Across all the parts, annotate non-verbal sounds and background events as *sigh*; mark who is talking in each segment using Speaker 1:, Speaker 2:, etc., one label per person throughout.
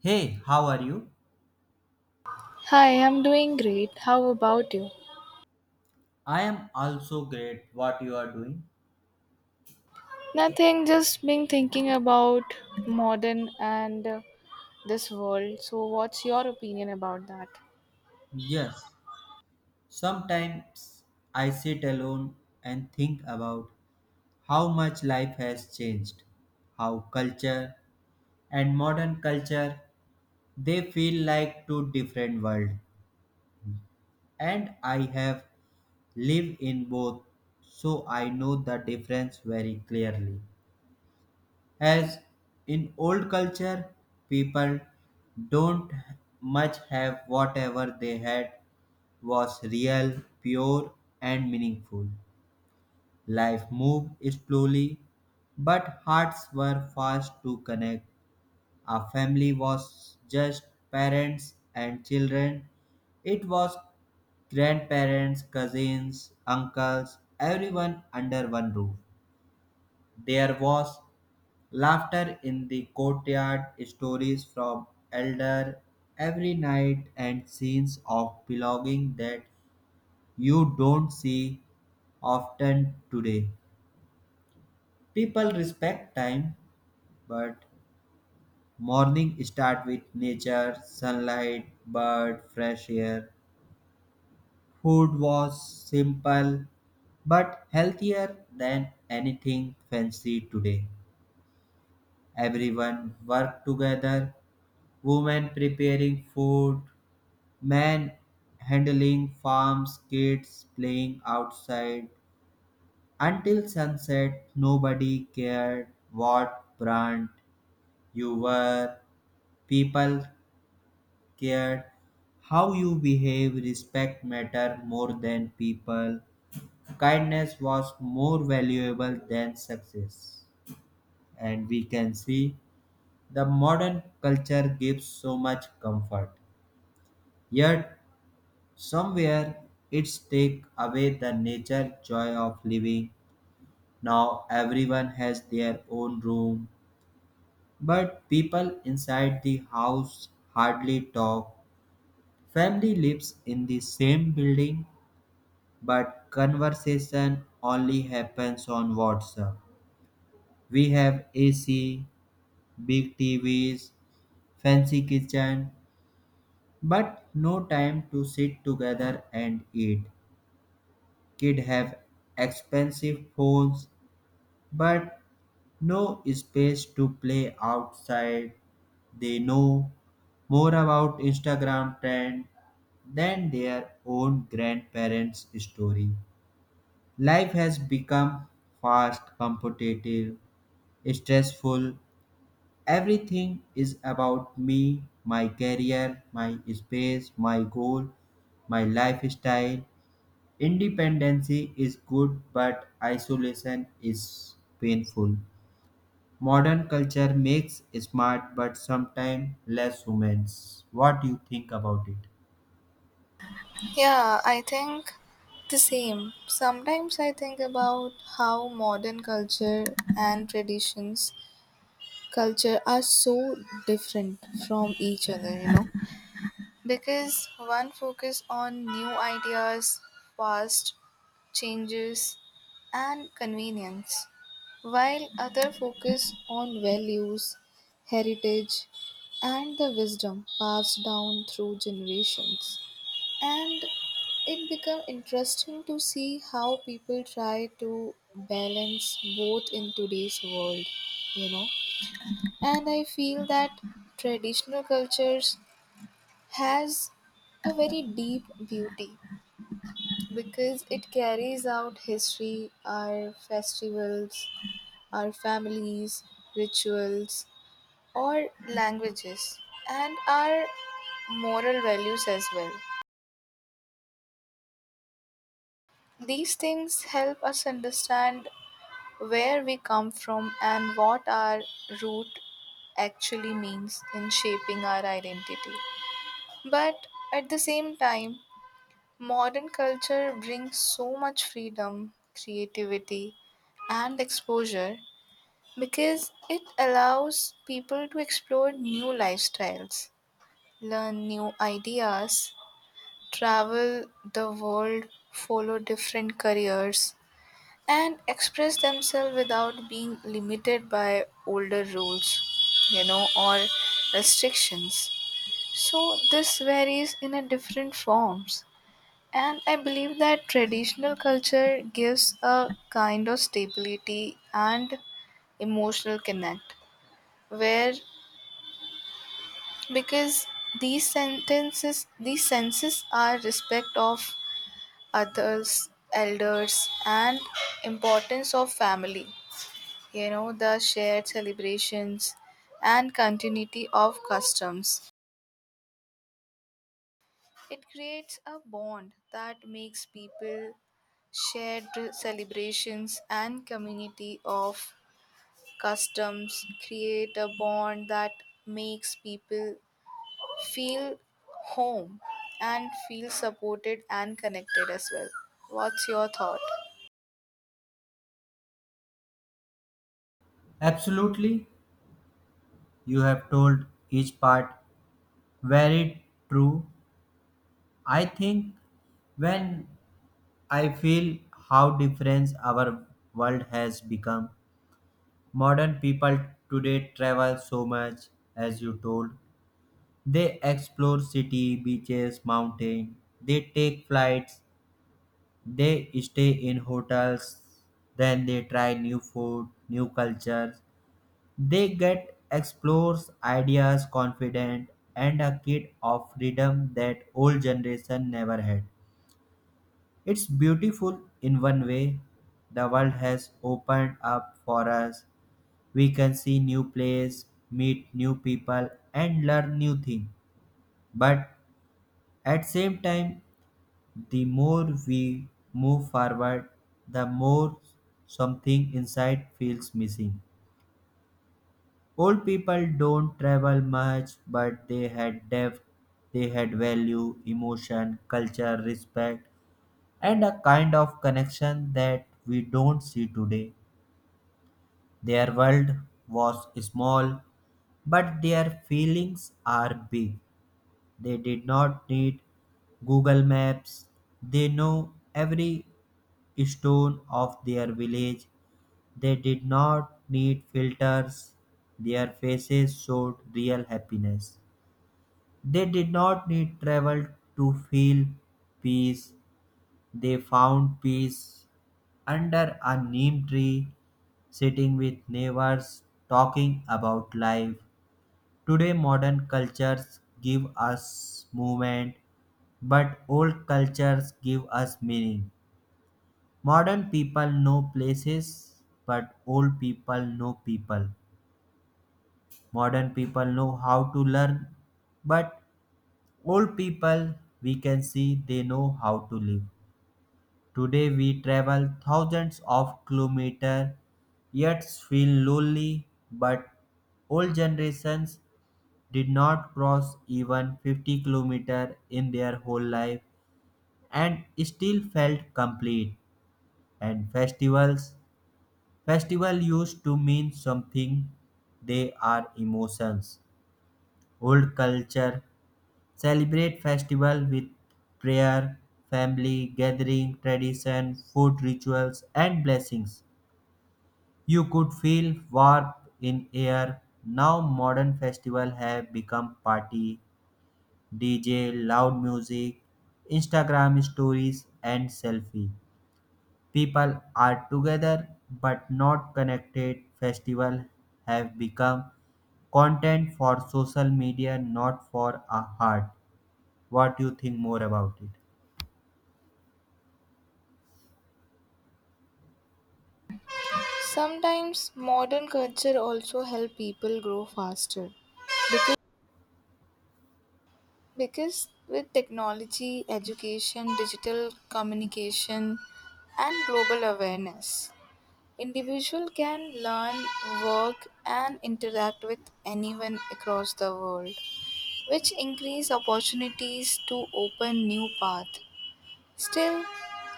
Speaker 1: Hey, how are you?
Speaker 2: Hi, I'm doing great. How about you?
Speaker 1: I am also great. What you are doing?
Speaker 2: Nothing, just been thinking about modern and this world. So, what's your opinion about that?
Speaker 1: Yes, sometimes I sit alone and think about how much life has changed, how culture and modern culture, they feel like two different worlds, and I have lived in both, so I know the difference very clearly. As in old culture, people don't much have whatever they had was real, pure, and meaningful. Life moved slowly, but hearts were fast to connect. A family was just parents and children. It was grandparents, cousins, uncles, everyone under one roof. There was laughter in the courtyard, stories from elder every night, and scenes of belonging that you don't see often today. People respect time, but morning start with nature, sunlight, bird, fresh air. Food was simple but healthier than anything fancy today. Everyone worked together, women preparing food, men handling farms, kids playing outside. Until sunset, nobody cared what brand you were. People cared how you behave. Respect mattered more than people. Kindness was more valuable than success. And we can see the modern culture gives so much comfort. Yet somewhere it's take away the nature joy of living. Now everyone has their own room, but people inside the house hardly talk. Family lives in the same building, but conversation only happens on WhatsApp. We have AC, big TVs, fancy kitchen, but no time to sit together and eat. Kids have expensive phones but no space to play outside. They know more about Instagram trend than their own grandparents' story. Life has become fast, competitive, stressful. Everything is about me, my career, my space, my goal, my lifestyle. Independency is good, but isolation is painful. Modern culture makes smart but sometimes less humans. What do you think about it?
Speaker 2: Yeah, I think the same. Sometimes I think about how modern culture and traditions culture are so different from each other, you know. Because one focus on new ideas, fast changes and convenience while others focus on values, heritage, and the wisdom passed down through generations. And it became interesting to see how people try to balance both in today's world, you know. And I feel that traditional cultures has a very deep beauty because it carries out history, our festivals, our families, rituals, or languages, and our moral values as well. These things help us understand where we come from and what our root actually means in shaping our identity. But at the same time, modern culture brings so much freedom, creativity, and exposure because it allows people to explore new lifestyles, learn new ideas, travel the world, follow different careers, and express themselves without being limited by older rules, you know, or restrictions. So this varies in a different forms. And I believe that traditional culture gives a kind of stability and emotional connect where, because these sentences, these senses are respect of others, elders, and importance of family, you know, the shared celebrations and continuity of customs, it creates a bond that makes people shared celebrations and community of customs create a bond that makes people feel home and feel supported and connected as well. What's your thought?
Speaker 1: Absolutely, you have told each part very true. I think when I feel how different our world has become, modern people today travel so much, as you told. They explore city, beaches, mountain. They take flights. They stay in hotels, then they try new food, new cultures. They get explores ideas, confident, and a kid of freedom that old generation never had. It's beautiful in one way. The world has opened up for us. We can see new place, meet new people, and learn new things. But at same time, the more we move forward, the more something inside feels missing. Old people don't travel much, but they had depth, they had value, emotion, culture, respect, and a kind of connection that we don't see today. Their world was small, but their feelings are big. They did not need Google Maps. They know every stone of their village. They did not need filters. Their faces showed real happiness. They did not need travel to feel peace. They found peace under a neem tree, sitting with neighbors, talking about life. Today, modern cultures give us movement, but old cultures give us meaning. Modern people know places, but old people know people. Modern people know how to learn, but old people, we can see they know how to live. Today we travel thousands of kilometers, yet feel lonely, but old generations did not cross even 50 kilometers in their whole life and still felt complete. And festivals, festival used to mean something. They are emotions. Old culture celebrate festival with prayer, family gathering, tradition, food rituals and blessings. You could feel warmth in air. Now modern festival have become party, DJ, loud music, Instagram stories and selfie. People are together but not connected. Festival have become content for social media, not for a heart. What do you think more about it?
Speaker 2: Sometimes modern culture also help people grow faster because, because with technology, education, digital communication and global awareness, individual can learn, work and interact with anyone across the world, which increase opportunities to open new path. Still,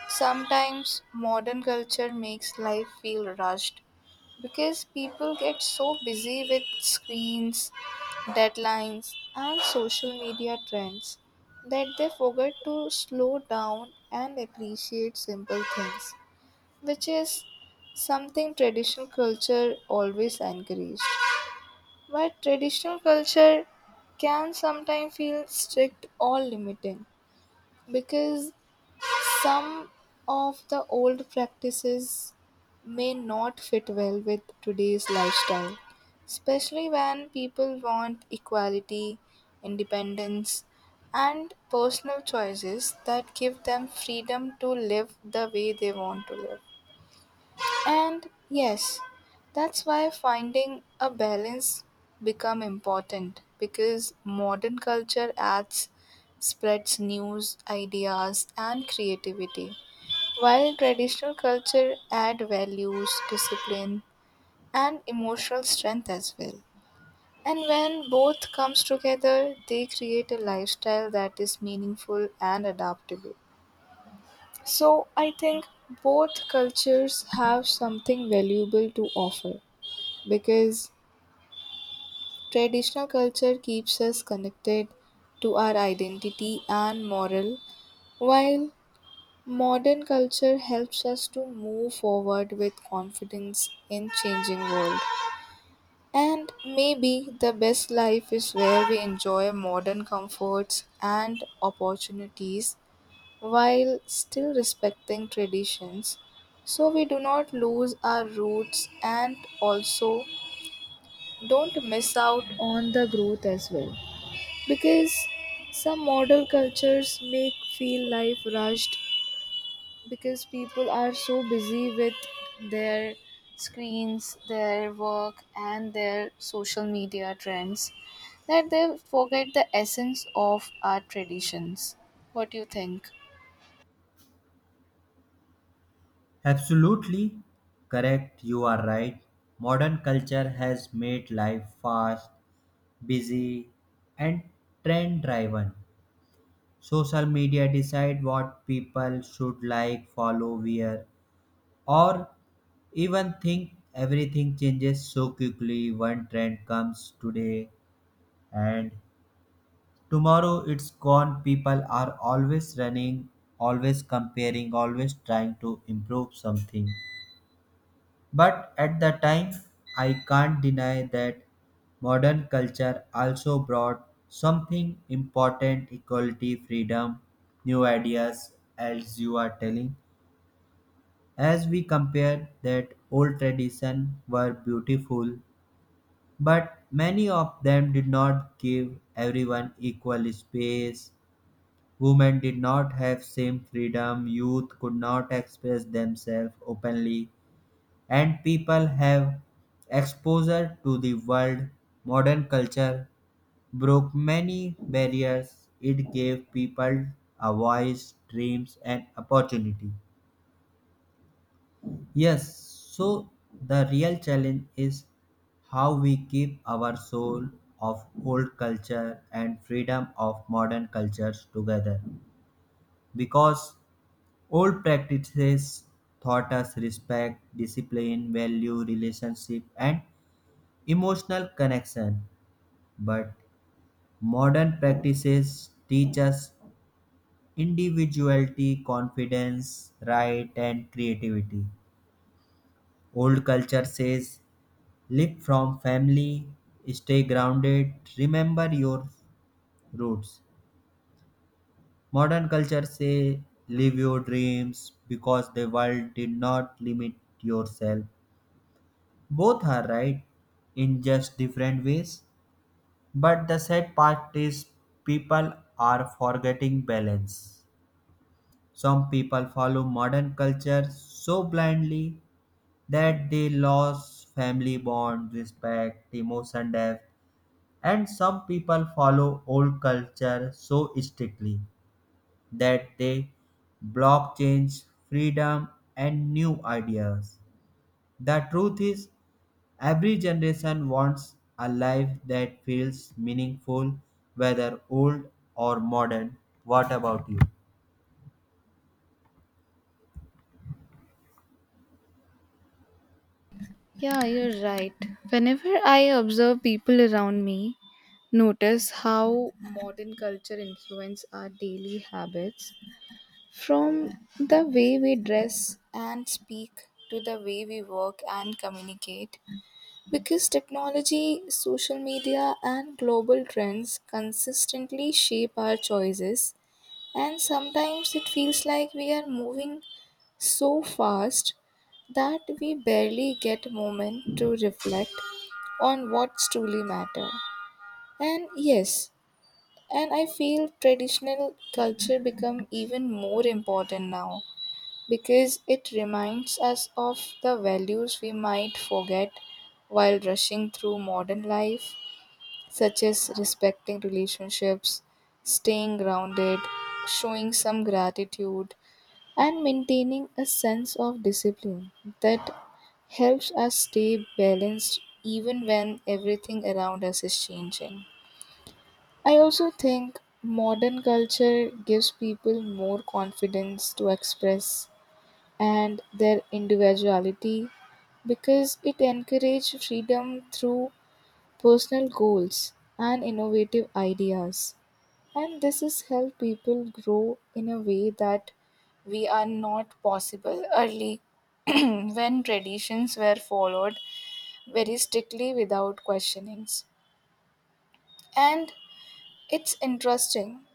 Speaker 2: sometimes modern culture makes life feel rushed because people get so busy with screens, deadlines, and social media trends that they forget to slow down and appreciate simple things, which is something traditional culture always encouraged. But traditional culture can sometimes feel strict or limiting because some of the old practices may not fit well with today's lifestyle, especially when people want equality, independence, and personal choices that give them freedom to live the way they want to live. And yes, that's why finding a balance become important because modern culture adds spreads news, ideas and creativity while traditional culture add values, discipline, and emotional strength as well. And when both comes together, they create a lifestyle that is meaningful and adaptable. So I think both cultures have something valuable to offer because traditional culture keeps us connected to our identity and moral while modern culture helps us to move forward with confidence in changing world. And maybe the best life is where we enjoy modern comforts and opportunities while still respecting traditions so we do not lose our roots and also don't miss out on the growth as well because some modern cultures make feel life rushed because people are so busy with their screens, their work, and their social media trends that they forget the essence of our traditions. What do you think?
Speaker 1: Absolutely correct. You are right. Modern culture has made life fast, busy, and trend driven. Social media decide what people should like, follow, wear, or even think. Everything changes so quickly. One trend comes today and tomorrow it's gone. People are always running, always comparing, always trying to improve something. But at the time, I can't deny that modern culture also brought something important: equality, freedom, new ideas, as you are telling. As we compare that old tradition were beautiful, but many of them did not give everyone equal space. Women did not have same freedom, youth could not express themselves openly, and people have exposure to the world. Modern culture broke many barriers. It gave people a voice, dreams, and opportunity. Yes, so the real challenge is how we keep our soul of old culture and freedom of modern cultures together, because old practices taught us respect, discipline, value, relationship, and emotional connection. But modern practices teach us individuality, confidence, right, and creativity. Old culture says live from family, stay grounded, remember your roots. Modern culture say live your dreams, because the world did not limit yourself. Both are right in just different ways, but the sad part is people are forgetting balance. Some people follow modern culture so blindly that they lose family bond, respect, emotion depth, and some people follow old culture so strictly that they block change, freedom, and new ideas. The truth is, every generation wants a life that feels meaningful, whether old or modern. What about you?
Speaker 2: Yeah, you're right. Whenever I observe people around me, notice how modern culture influence our daily habits from the way we dress and speak to the way we work and communicate. Because technology, social media, and global trends consistently shape our choices, and sometimes it feels like we are moving so fast that we barely get a moment to reflect on what's truly matter. And yes, and I feel traditional culture become even more important now because it reminds us of the values we might forget while rushing through modern life, such as respecting relationships, staying grounded, showing some gratitude, and maintaining a sense of discipline that helps us stay balanced even when everything around us is changing. I also think modern culture gives people more confidence to express and their individuality because it encourages freedom through personal goals and innovative ideas. And this has helped people grow in a way that we are not possible early *clears throat* when traditions were followed very strictly without questionings. And it's interesting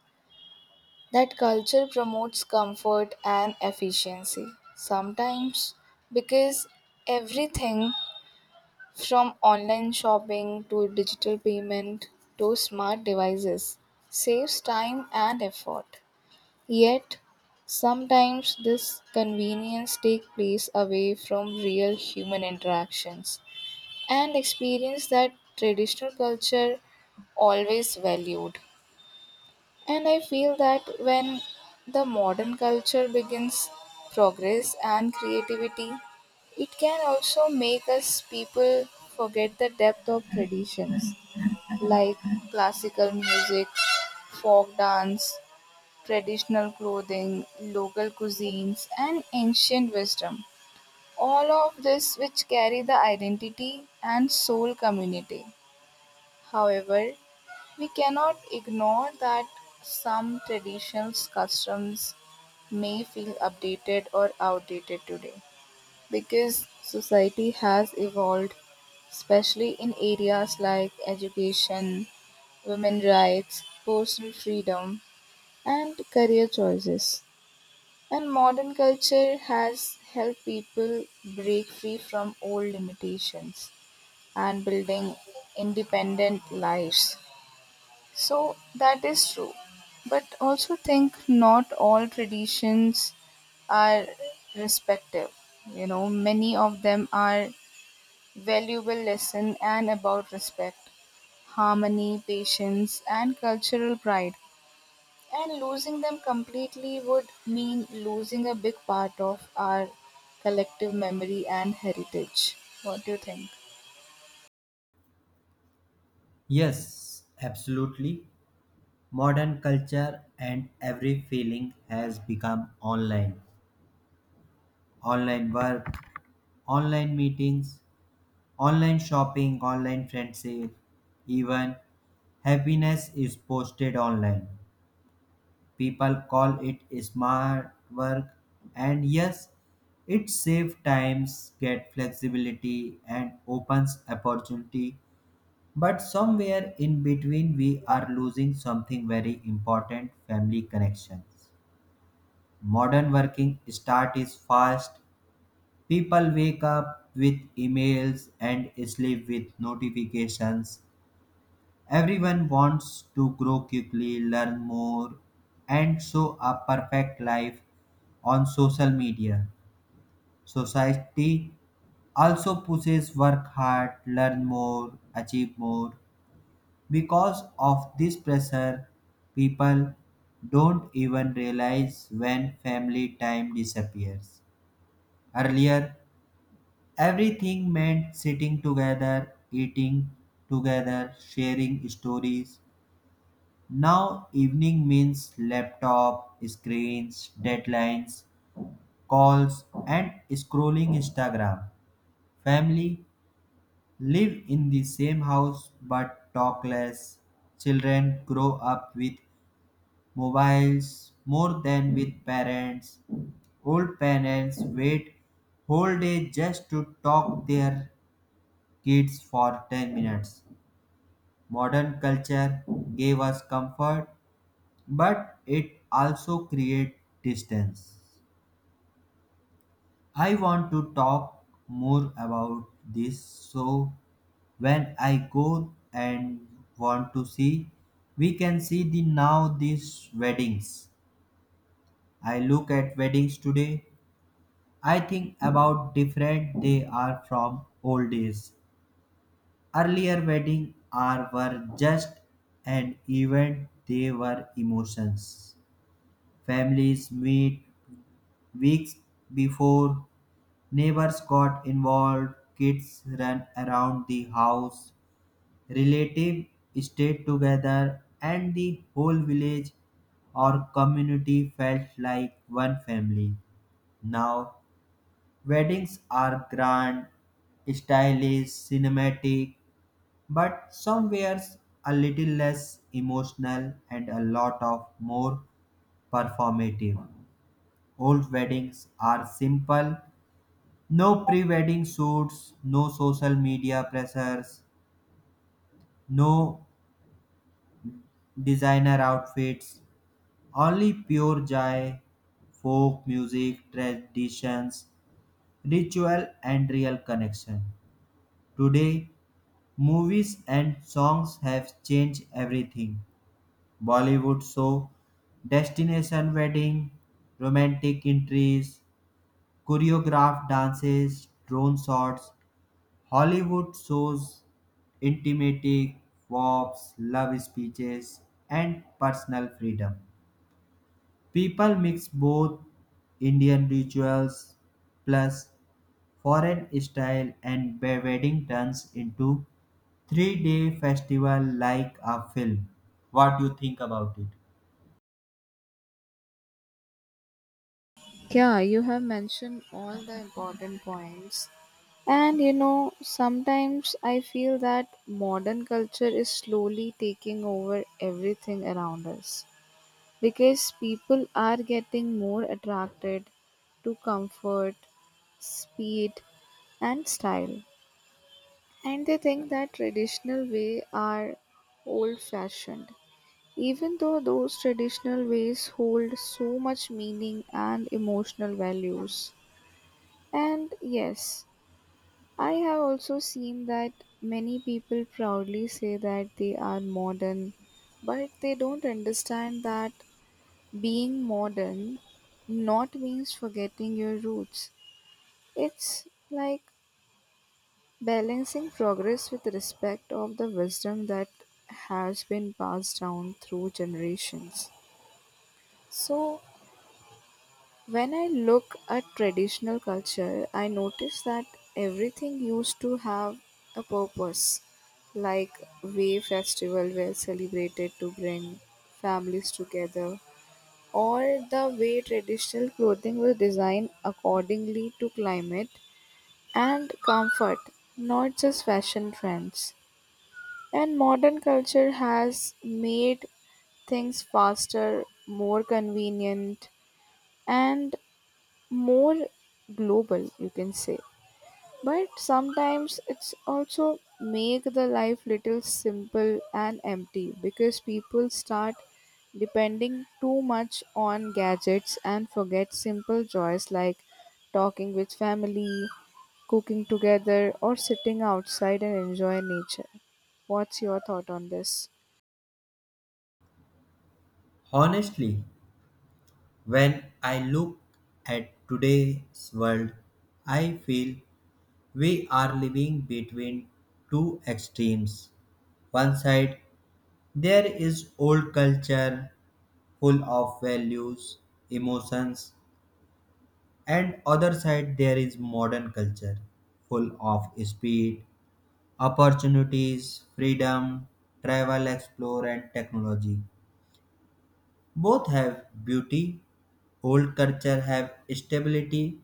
Speaker 2: that culture promotes comfort and efficiency sometimes because everything from online shopping to digital payment to smart devices saves time and effort. Yet, sometimes this convenience takes place away from real human interactions and experience that traditional culture always valued. And I feel that when the modern culture begins progress and creativity, it can also make us people forget the depth of traditions like classical music, folk dance, traditional clothing, local cuisines, and ancient wisdom. All of this which carry the identity and soul community. However, we cannot ignore that some traditional customs may feel updated or outdated today because society has evolved, especially in areas like education, women rights, personal freedom, and career choices. And modern culture has helped people break free from old limitations and building independent lives. So that is true. But also think not all traditions are respective. You know, many of them are valuable lesson and about respect, harmony, patience and cultural pride. And losing them completely would mean losing a big part of our collective memory and heritage. What do you think?
Speaker 1: Yes, absolutely. Modern culture and every feeling has become online. Online work, online meetings, online shopping, online friendship, even happiness is posted online. People call it smart work, and yes, it saves times, get flexibility, and opens opportunity. But somewhere in between, we are losing something very important: family connections. Modern working start is fast. People wake up with emails and sleep with notifications. Everyone wants to grow quickly, learn more, and show a perfect life on social media. Society also pushes work hard, learn more, achieve more. Because of this pressure, people don't even realize when family time disappears. Earlier, everything meant sitting together, eating together, sharing stories. Now, evening means laptop, screens, deadlines, calls, and scrolling Instagram. Family live in the same house but talk less. Children grow up with mobiles more than with parents. Old parents wait whole day just to talk their kids for 10 minutes. Modern culture gave us comfort but it also creates distance. I want to talk more about this. So when I go and want to see, we can see the now these weddings. I look at weddings today. I think about different they are from old days. Earlier wedding are were just an event, they were emotions. Families meet weeks before. Neighbors got involved, kids ran around the house, relatives stayed together, and the whole village or community felt like one family. Now, weddings are grand, stylish, cinematic, but somewhere a little less emotional and a lot of more performative. Old weddings are simple. No pre wedding shoots, no social media pressures, no designer outfits, only pure joy, folk music, traditions, ritual, and real connection. Today, movies and songs have changed everything. Bollywood show, destination wedding, romantic entries, choreographed dances, drone shots, Hollywood shows intimatic, warps, love speeches, and personal freedom. People mix both Indian rituals plus foreign style and the wedding turns into three-day festival like a film. What do you think about it?
Speaker 2: Yeah, you have mentioned all the important points. And you know, sometimes I feel that modern culture is slowly taking over everything around us because people are getting more attracted to comfort, speed, and style. And they think that traditional way are old fashioned. Even though those traditional ways hold so much meaning and emotional values. And yes, I have also seen that many people proudly say that they are modern, but they don't understand that being modern not means forgetting your roots. It's like balancing progress with respect of the wisdom that has been passed down through generations. So when I look at traditional culture, I notice that everything used to have a purpose, like way festival were celebrated to bring families together, or the way traditional clothing was designed accordingly to climate and comfort, not just fashion trends. And modern culture has made things faster, more convenient, and more global you can say, but sometimes it's also make the life little simple and empty because people start depending too much on gadgets and forget simple joys like talking with family, cooking together or sitting outside and enjoying nature. What's your thought on this?
Speaker 1: Honestly, when I look at today's world, I feel we are living between two extremes. One side there is old culture full of values, emotions, and other side there is modern culture full of speed, opportunities, freedom, travel, explore and technology. Both have beauty. Old culture have stability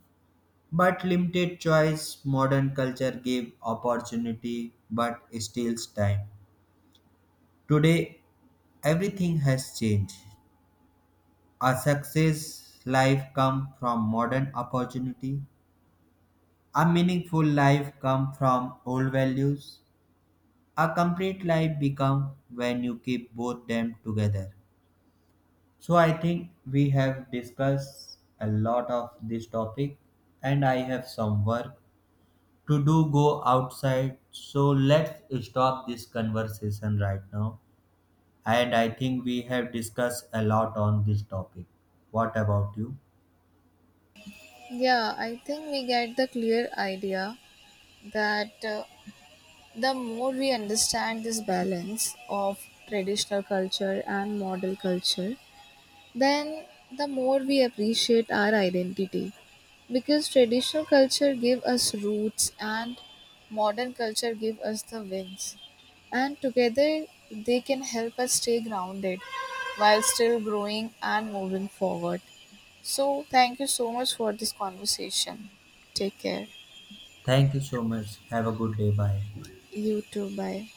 Speaker 1: but limited choice. Modern culture give opportunity but steals time. Today everything has changed. A success life come from modern opportunity. A meaningful life come from old values. A complete life become when you keep both them together. So I think we have discussed a lot of this topic and I have some work to do go outside. So let's stop this conversation right now. And I think we have discussed a lot on this topic. What about you?
Speaker 2: Yeah, I think we get the clear idea that the more we understand this balance of traditional culture and modern culture, then the more we appreciate our identity because traditional culture give us roots and modern culture give us the wings and together they can help us stay grounded while still growing and moving forward. So, thank you so much for this conversation. Take care.
Speaker 1: Thank you so much. Have a good day. Bye.
Speaker 2: You too. Bye.